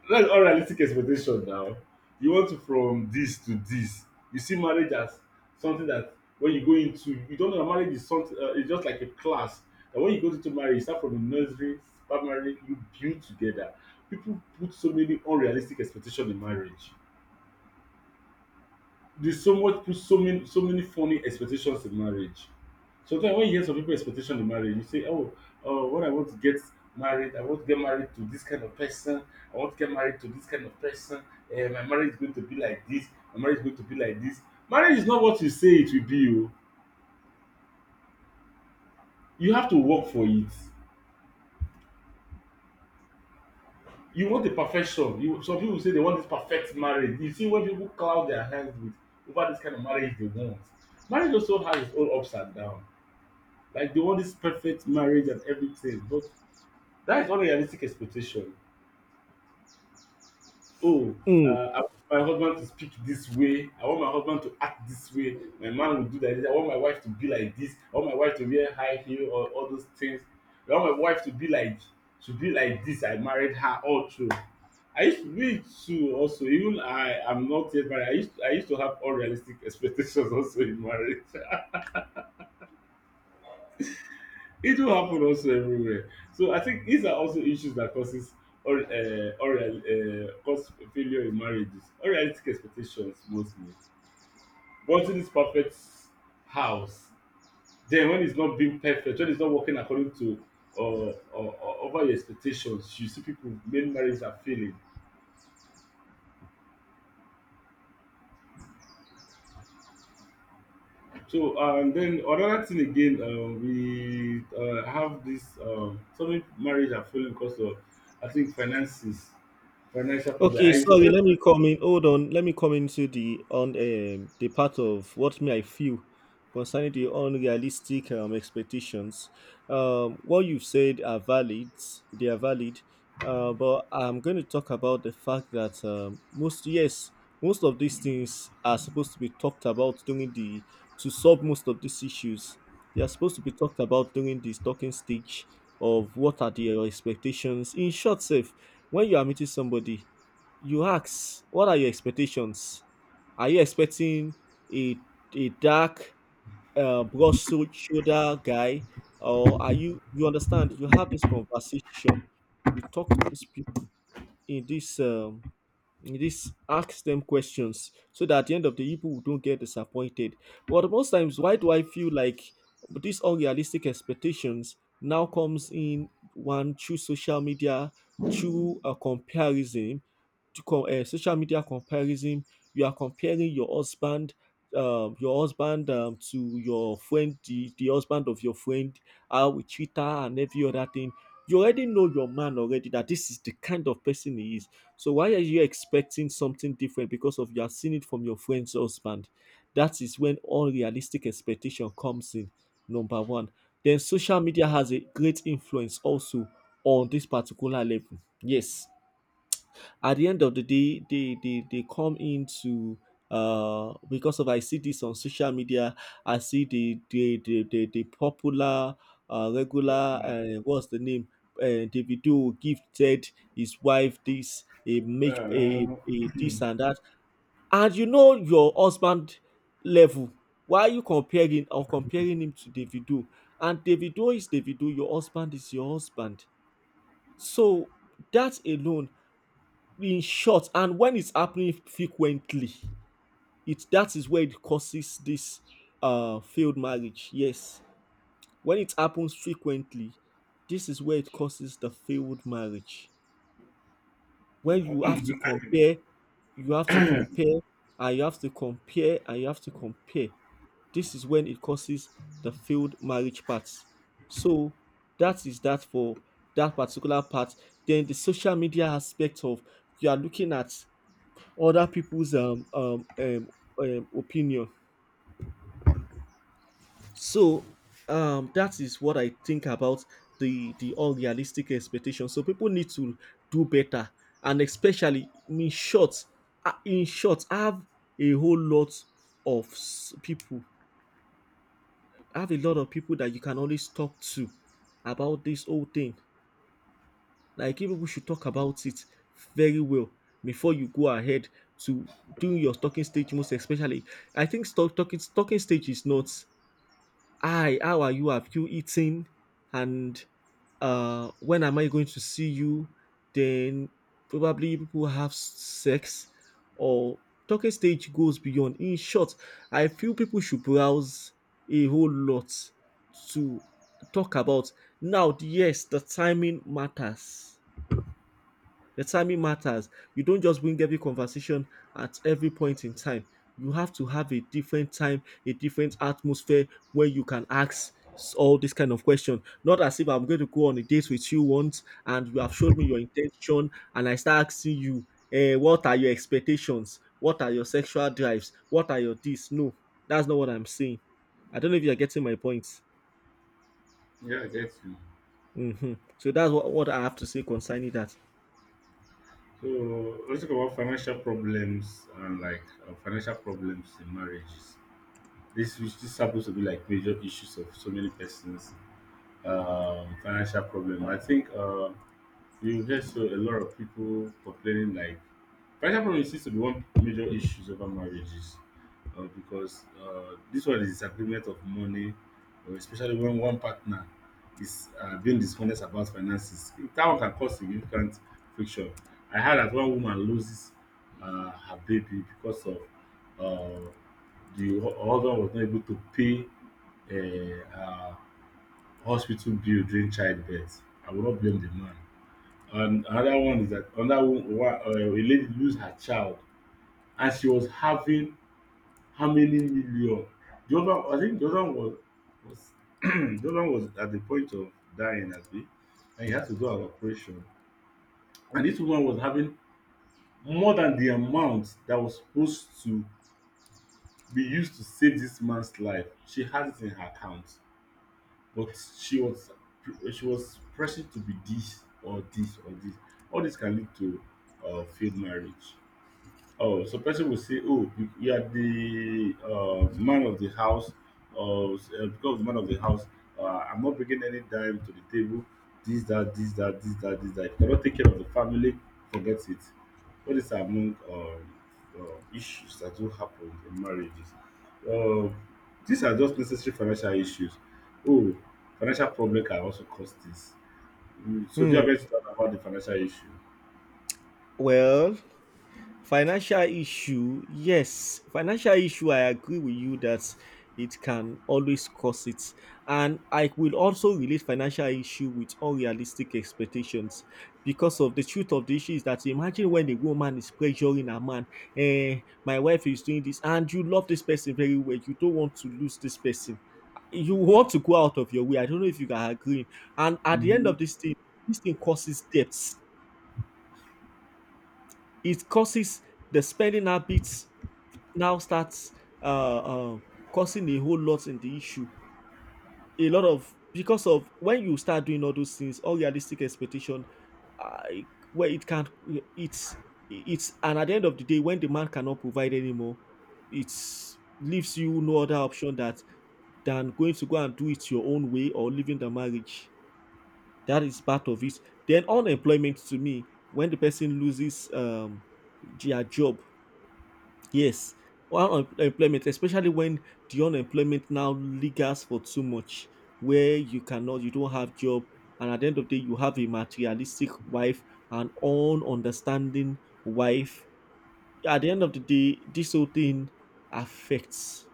Speaker 1: That's unrealistic expectation now. You want to from this to this. You see marriage as something that when you go into, you don't know that marriage is something. It's just like a class. That when you go into marriage, you start from the nursery, primary, you build together. People put so many unrealistic expectation in marriage. There's so much, put so many so many funny expectations in marriage. Sometimes when you hear some people expectation in marriage, you say, "Oh, when I want to get married, I want to get married to this kind of person. I want to get married to this kind of person. My marriage is going to be like this. My marriage is going to be like this." Marriage is not what you say it will be. Oh, you have to work for it. You want the perfection. You, some people say they want this perfect marriage. You see when people cloud their hands with over this kind of marriage they want. Marriage also has its own ups and downs. Like they want this perfect marriage and everything, but that is unrealistic expectation. Oh,
Speaker 2: Mm.
Speaker 1: I want my husband to speak this way. I want my husband to act this way. My man will do like this. I want my wife to be like this. I want my wife to wear high heel or all those things. I want my wife to be like, to be like this. I married her all through. I used to Me too, also, even I am not yet married. I used to have unrealistic expectations also in marriage. It will happen also everywhere. So I think these are also issues that causes or cause failure in marriages. Unrealistic expectations mostly. Wanting this perfect house, then when it's not being perfect, when it's not working according to or over your expectations, you see people, many marriages are failing. So and then another thing again, we have this, some marriage are failing because of, I think, finances, financial problem. I
Speaker 2: Okay,
Speaker 1: it's
Speaker 2: sorry,
Speaker 1: always.
Speaker 2: let me come in. Hold on. Let me come into the on the part of what may I feel concerning the unrealistic expectations. What you've said are valid. They are valid. But I'm going to talk about the fact that, most, yes, most of these things are supposed to be talked about during the, to solve most of these issues. They are supposed to be talked about during this talking stage of what are the expectations. In short, safe, when you are meeting somebody, you ask what are your expectations. Are you expecting a dark, broad shoulder guy, or are you, you understand, you have this conversation, you talk to this in this this, ask them questions so that at the end of the day, people don't get disappointed. But most times, why do I feel like these unrealistic expectations now comes in? One, through social media, through a comparison, to social media comparison. You are comparing your husband to your friend, the husband of your friend, how we treat her and every other thing. You already know your man already that this is the kind of person he is, so why are you expecting something different because of you have seen it from your friend's husband? That is when all realistic expectation comes in. Number one. Then social media has a great influence also on this particular level. Yes, at the end of the day they come into because of I see this on social media. I see the popular regular what's the name, Davido gifted his wife this a make
Speaker 1: Uh,
Speaker 2: a this and that, and you know your husband level. Why are you comparing or comparing him to Davido? And Davido is Davido, your husband is your husband. So that alone, in short, and when it's happening frequently, it that is where it causes this failed marriage, yes. When it happens frequently, this is where it causes the failed marriage. When you
Speaker 1: yeah,
Speaker 2: have to compare, you have to compare, and you have to compare, and you have to compare, this is when it causes the failed marriage part. So that is that for that particular part. Then the social media aspect of, you are looking at other people's opinion. So, that is what I think about the unrealistic expectation. So people need to do better, and especially in short, have a whole lot of people, have a lot of people that you can always talk to about this whole thing. Like, think people should talk about it very well before you go ahead to doing your talking stage, most especially. I think stock talking talking stage is not, "Hi, how are you? Have you eaten? And when am I going to see you?" Then probably people have sex or talking stage goes beyond. In short, I feel people should browse a whole lot to talk about. Now, yes, the timing matters, the timing matters. You don't just bring every conversation at every point in time. You have to have a different time, a different atmosphere where you can ask all this kind of question. Not as if I'm going to go on a date with you once and you have showed me your intention and I start asking you, eh, what are your expectations? What are your sexual drives? What are your this? No, that's not what I'm saying. I don't know if you're getting my point.
Speaker 1: I get you.
Speaker 2: Hmm. So that's what I have to say concerning that.
Speaker 1: So let's talk about financial problems and like, financial problems in marriages. This, which, this happens to be like major issues of so many persons. Financial problem. I think. You hear so a lot of people complaining like financial problem seems to be one major issues over marriages, because this one is disagreement of money, especially when one partner is being dishonest about finances. That one can cause significant friction. I heard that one woman loses her baby because of uh, the husband was not able to pay a hospital bill during childbirth. I will not blame the man. And another one is that another one, a lady lose her child, and she was having how many million? The other, I think the other one was, was the other one was at the point of dying, I think, and he had to do an operation. And this woman was having more than the amount that was supposed to be used to save this man's life. She had it in her account, but she was she was pressing to be this or this or this. All this can lead to failed marriage. Oh, so person will say, "Oh, you are the man of the house, or because of the man of the house, I'm not bringing any dime to the table. This, that, this, that, this, that, this, that. If you cannot take care of the family, forget it." What is among issues that do happen in marriages? Uh, these are just necessary financial issues. Oh, financial problem can also cause this. Mm, so, do you
Speaker 2: Hmm.
Speaker 1: have anything to talk about the financial issue?
Speaker 2: Well, financial issue, yes, financial issue, I agree with you that it can always cause it. And I will also relate financial issue with unrealistic expectations, because of the truth of the issue is that imagine when a woman is pressuring a man, eh, my wife is doing this, and you love this person very well, you don't want to lose this person. You want to go out of your way. I don't know if you can agree. And at the end
Speaker 1: Mm.
Speaker 2: of this thing causes debts. It causes the spending habits now starts uh, uh, causing a whole lot in the issue. A lot of because of when you start doing all those things, all realistic expectation, uh, where it can't, it's it's, and at the end of the day, when the man cannot provide anymore, it leaves you no other option that than going to go and do it your own way or leaving the marriage. That is part of it. Then unemployment, to me, when the person loses their job. Yes, while employment, especially when the unemployment now lingers for too much, where you cannot, you don't have job, and at the end of the day, you have a materialistic wife, an ununderstanding wife. At the end of the day, this whole thing affects.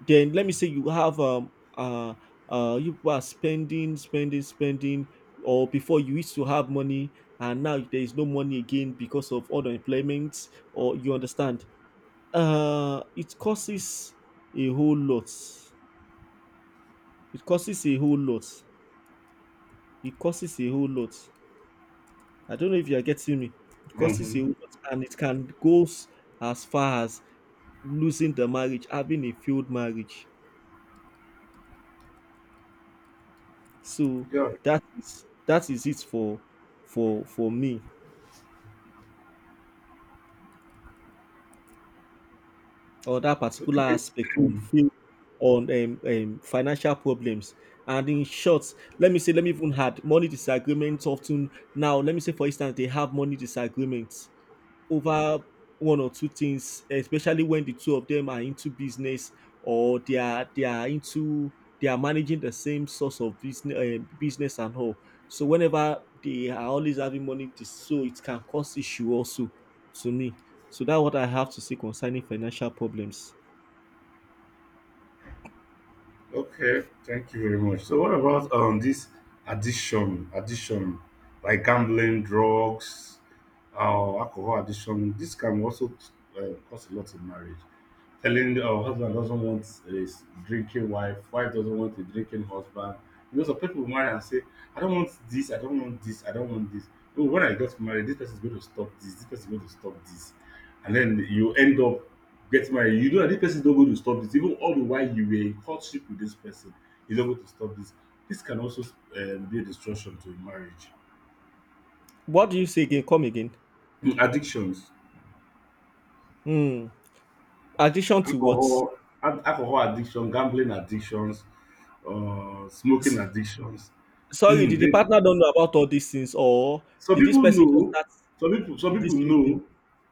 Speaker 2: Then let me say you have you people are spending, spending, spending, or before you used to have money, and now there is no money again because of unemployment, or you understand, it causes a whole lot. It causes a whole lot. It causes a whole lot. I don't know if you are getting me. It causes a
Speaker 1: Mm-hmm.
Speaker 2: whole lot, and it can go as far as losing the marriage, having a failed marriage. So
Speaker 1: Yeah.
Speaker 2: that is it for for me, or that particular
Speaker 1: Okay.
Speaker 2: aspect on field on financial problems. And in short, let me say, let me even add money disagreements often now. Let me say, for instance, they have money disagreements over one or two things, especially when the two of them are into business or they are into, they are managing the same source of business, business and all. So whenever they are always having money, so it can cause issue also, to me. So that's what I have to say concerning financial problems.
Speaker 1: Okay, thank you very much. So what about this addiction like gambling, drugs, alcohol addiction? This can also cause a lot in marriage telling our husband doesn't want a drinking wife, wife doesn't want a drinking husband. You know, some people will marry and say, I don't want this, I don't want this, I don't want this. Oh, when I got married, this person is going to stop this, this person is going to stop this. And then you end up getting married. You know that this person is not going to stop this. Even all the while you were in courtship with this person, he's not going to stop this. This can also be a destruction to a marriage.
Speaker 2: What do you say again? Come again.
Speaker 1: Mm, addictions,
Speaker 2: Hmm. Addition to what?
Speaker 1: alcohol, alcohol addiction, gambling addictions, smoking addictions.
Speaker 2: Sorry, did the
Speaker 1: they,
Speaker 2: partner don't know about all these things, or
Speaker 1: some
Speaker 2: did this
Speaker 1: people
Speaker 2: person just
Speaker 1: know,
Speaker 2: start
Speaker 1: some people
Speaker 2: this whole thing?
Speaker 1: know,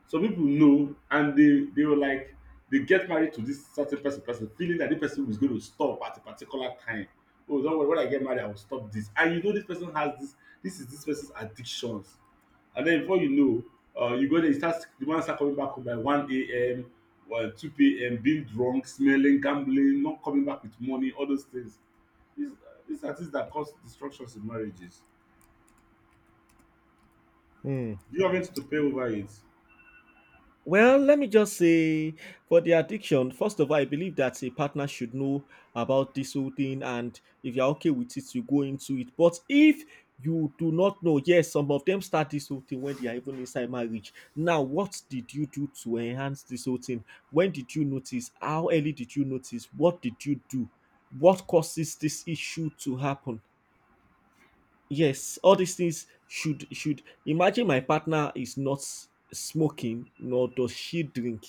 Speaker 1: some people know, and they were like they get married to this certain person, person feeling that this person was going to stop at a particular time. Oh, don't worry, when I get married, I will stop this. And you know, this person has this. This is this person's addictions, and then before you know, you go there, you start the man start coming back home by one a.m. or two p.m. being drunk, smelling, gambling, not coming back with money, all those things. These these are things that cause destructions in marriages.
Speaker 2: Hmm.
Speaker 1: You are meant to pay over it.
Speaker 2: Well, let me just say for the addiction, first of all, I believe that a partner should know about this whole thing, and if you're okay with it, you go into it. But if you do not know, yes, some of them start this whole thing when they are even inside marriage. Now, what did you do to enhance this whole thing? When did you notice? How early did you notice? What did you do? What causes this issue to happen? Yes, all these things should imagine my partner is not smoking nor does she drink.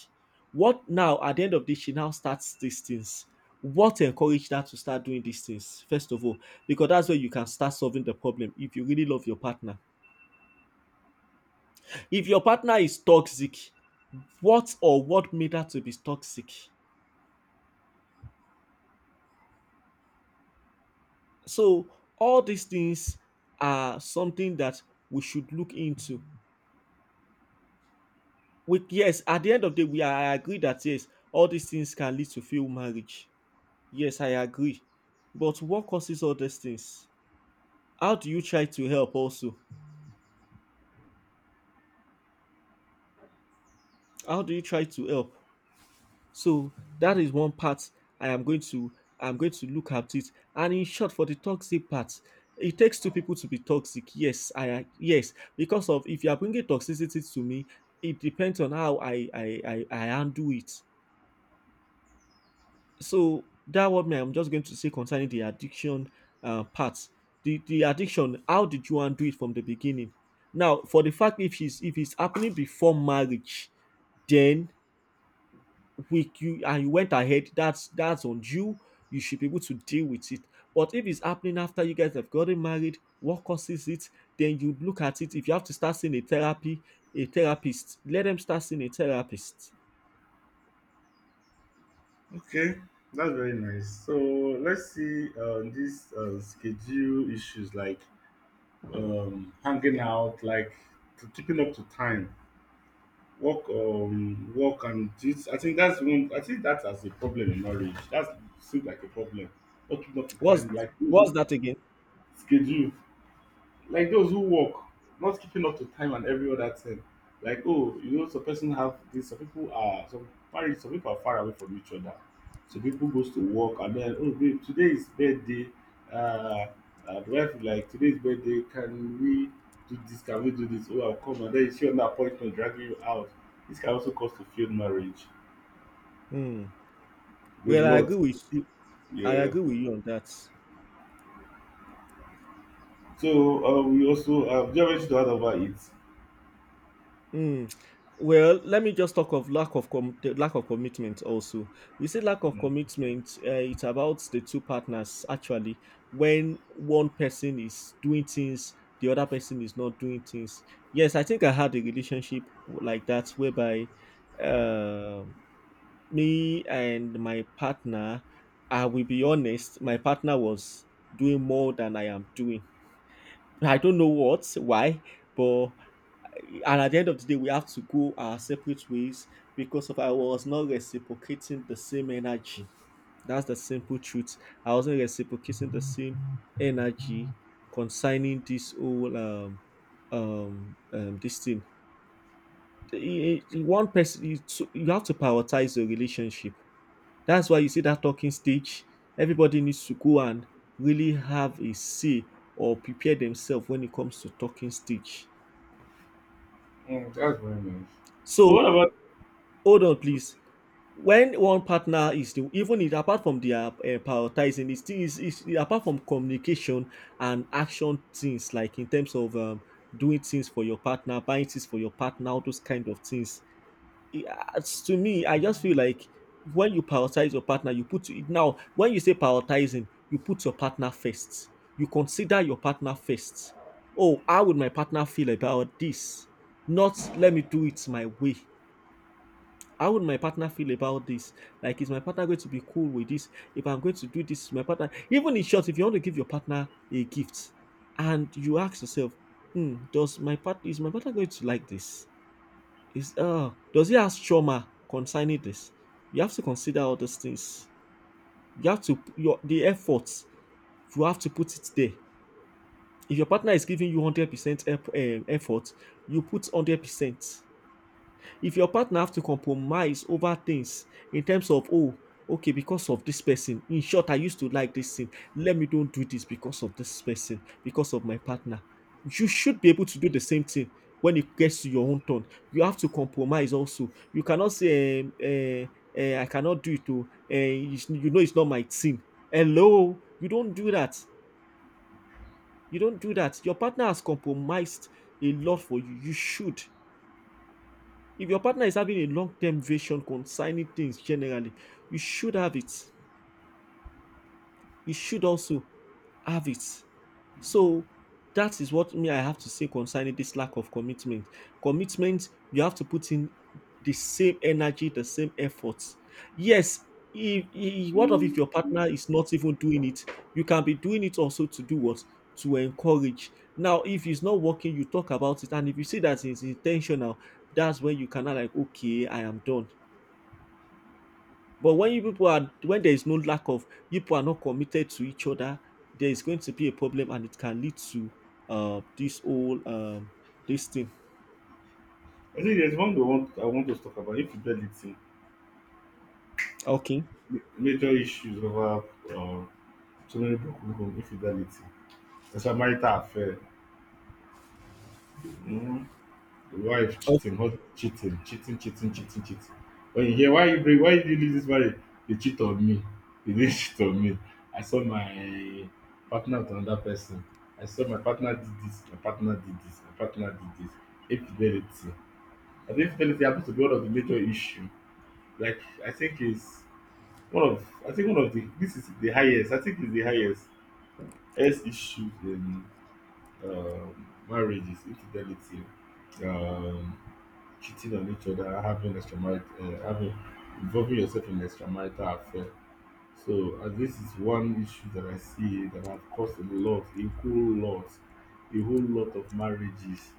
Speaker 2: What now at the end of this, she now starts these things. What encouraged her to start doing these things first of all? Because that's where you can start solving the problem if you really love your partner. If your partner is toxic, what or what made her to be toxic? So all these things are something that we should look into. We Yes, at the end of the day, we I agree that yes, all these things can lead to failed marriage. Yes, I agree. But what causes all these things? How do you try to help also? How do you try to help? So that is one part I am going to, I'm going to look at it. And in short, for the toxic part, it takes two people to be toxic, yes, because of if you are bringing toxicity to me, it depends on how I handle it. So that what me I'm just going to say concerning the addiction part. The the addiction, how did you undo it from the beginning? Now for the fact if it's happening before marriage, then we you and you went ahead, that's on you. You should be able to deal with it. But if it's happening after you guys have gotten married, what causes it? Then you look at it. If you have to start seeing a therapist, let them start seeing a therapist.
Speaker 1: Okay, that's very nice. So let's see these schedule issues like hanging out, like to keeping up to time, work. And this, I think that's one, I think that's as a problem in marriage that seems like a problem, not keeping up to
Speaker 2: What's
Speaker 1: time, like
Speaker 2: that again?
Speaker 1: schedule. Like those who work, not keeping up to time and every other thing. Like, oh, you know, some person have this, some people are some married, some people are far away from each other. So people goes to work and then, oh babe, today is birthday. Uh, the wife will like, today's birthday, can we do this, can we do this? Oh, I'll come, and then she on the appointment, dragging you out. This can also cause to failed marriage.
Speaker 2: Hmm.
Speaker 1: A
Speaker 2: Well, I agree
Speaker 1: lot.
Speaker 2: with you. I
Speaker 1: Yeah.
Speaker 2: agree with you on that.
Speaker 1: So we also, do you have anything to add about it?
Speaker 2: Mm. Well, let me just talk of lack of the lack of commitment. Also, you say lack of commitment. It's about the two partners actually. When one person is doing things, the other person is not doing things. Yes, I think I had a relationship like that, whereby uh, me and my partner, I will be honest. My partner was doing more than I am doing. I don't know what, why, but, and at the end of the day, we have to go our separate ways because of I was not reciprocating the same energy. That's the simple truth. I wasn't reciprocating the same energy concerning this whole this thing. One person, you, so, you have to prioritize your relationship. That's why you see that talking stage, everybody needs to go and really have a say or prepare themselves when it comes to talking stage.
Speaker 1: Mm, that's very nice.
Speaker 2: So
Speaker 1: So what about,
Speaker 2: hold on please, when one partner is the even it, apart from their prioritizing it, still is apart from communication and action, things like in terms of doing things for your partner, buying things for your partner, all those kind of things, to me, I just feel like when you prioritize your partner, you put it, now when you say prioritizing, you put your partner first, you consider your partner first. Oh, how would my partner feel about this? Not, let me do it my way. How would my partner feel about this? Like, is my partner going to be cool with this? If I'm going to do this, my partner, even in short, if you want to give your partner a gift, and you ask yourself, hmm, does my part is my partner going to like this? Is Does he has trauma concerning this? You have to consider all those things. You have to your the efforts, you have to put it there. If your partner is giving you 100% effort, you put 100%. If your partner have to compromise over things in terms of, oh, okay, because of this person. In short, I used to like this thing. Let me don't do this because of this person, because of my partner. You should be able to do the same thing when it gets to your own turn. You have to compromise also. You cannot say, I cannot do it. Oh, you know, it's not my thing. Hello, you don't do that. You don't do that. Your partner has compromised a lot for you. You should. If your partner is having a long term vision concerning things generally, you should have it, you should also have it. So that is what me I have to say concerning this lack of commitment. Commitment, you have to put in the same energy, the same efforts. Yes, if what of if your partner is not even doing it? You can be doing it also to do what? To encourage. Now, if it's not working, you talk about it, and if you see that it's intentional, that's when you cannot like, okay, I am done. But when you people are when there is no lack of, you people are not committed to each other, there is going to be a problem, and it can lead to this whole this thing.
Speaker 1: I think there's one we want, I want us to talk about infidelity.
Speaker 2: Okay.
Speaker 1: Major issues over uh, so many people, infidelity. It's a marital affair. Mm. The wife cheating, husband cheating, cheating, cheating, cheating, cheating. When you hear why you break, why did you leave this marriage? They cheat on me. They didn't cheat on me. I saw my partner with another person. I saw my partner did this, my partner did this, my partner did this. Infidelity. I think infidelity happens to be one of the major issue. Like I think it's One of, I think one of the, this is the highest. I think it's the highest issue in marriage is infidelity, um, cheating on each other, having extramarital, having involving yourself in extramarital affair. So this is one issue that I see that have caused a lot, a whole lot, a whole lot of marriages,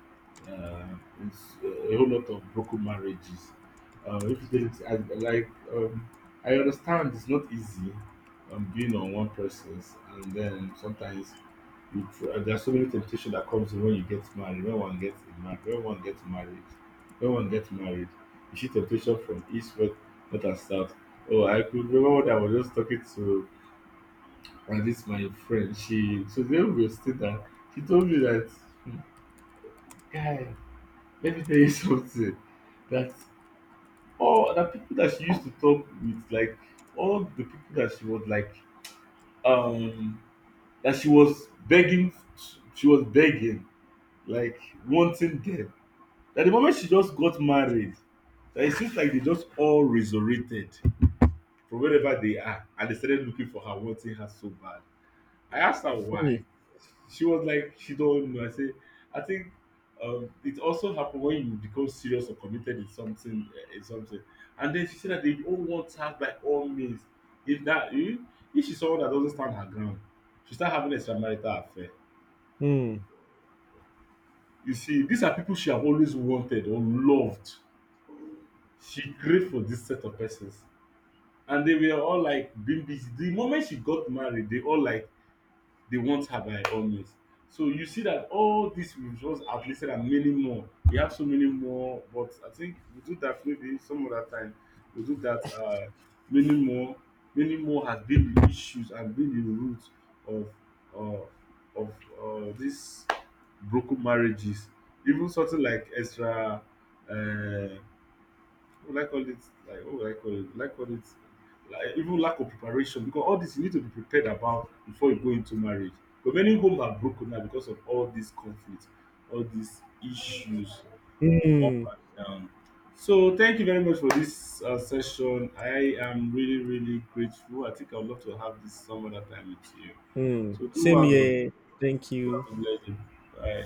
Speaker 1: uh, a whole lot of broken marriages. If there's I, like, I understand it's not easy being on one person's, and then sometimes there are so many temptations that comes when you get married, when one gets married. You see temptation from east, west, north, and south. Oh, I could remember when I was just talking to this my friend. She so then we were still there. She told me that, "Hmm, guy, let me tell you something." That all the people that she used to talk with, like all the people that she was like um that she was begging, like wanting them, that the moment she just got married, that it seems like they just all resurrected from wherever they are and they started looking for her, wanting her so bad. I asked her why.
Speaker 2: Okay.
Speaker 1: She was like, she don't know. I say, I think it also happens when you become serious or committed in something, in something. And then she said that they all want her by all means. If that, if if she's someone that doesn't stand her ground, she start having extramarital affair.
Speaker 2: Hmm. Hmm.
Speaker 1: You see, these are people she have always wanted or loved. She great for this set of persons. And they were all like being busy. The moment she got married, they all like they want her by all means. So you see that all these we've just outlisted, and many more. We have so many more, but I think we do that maybe some other time. We do that many more. Many more has been the issues and been the root of uh, of these broken marriages. Even something like extra uh, would I call it like what would I call it? Would I call it like even lack of preparation, because all this you need to be prepared about before you go into marriage. But many homes are broken now because of all these conflicts, all these issues up
Speaker 2: Hmm.
Speaker 1: and down. So thank you very much for this session. I am really really grateful. I think I would love to have this some other time with you.
Speaker 2: Hmm.
Speaker 1: So do
Speaker 2: Same here. Thank you.
Speaker 1: have a blessing. Bye.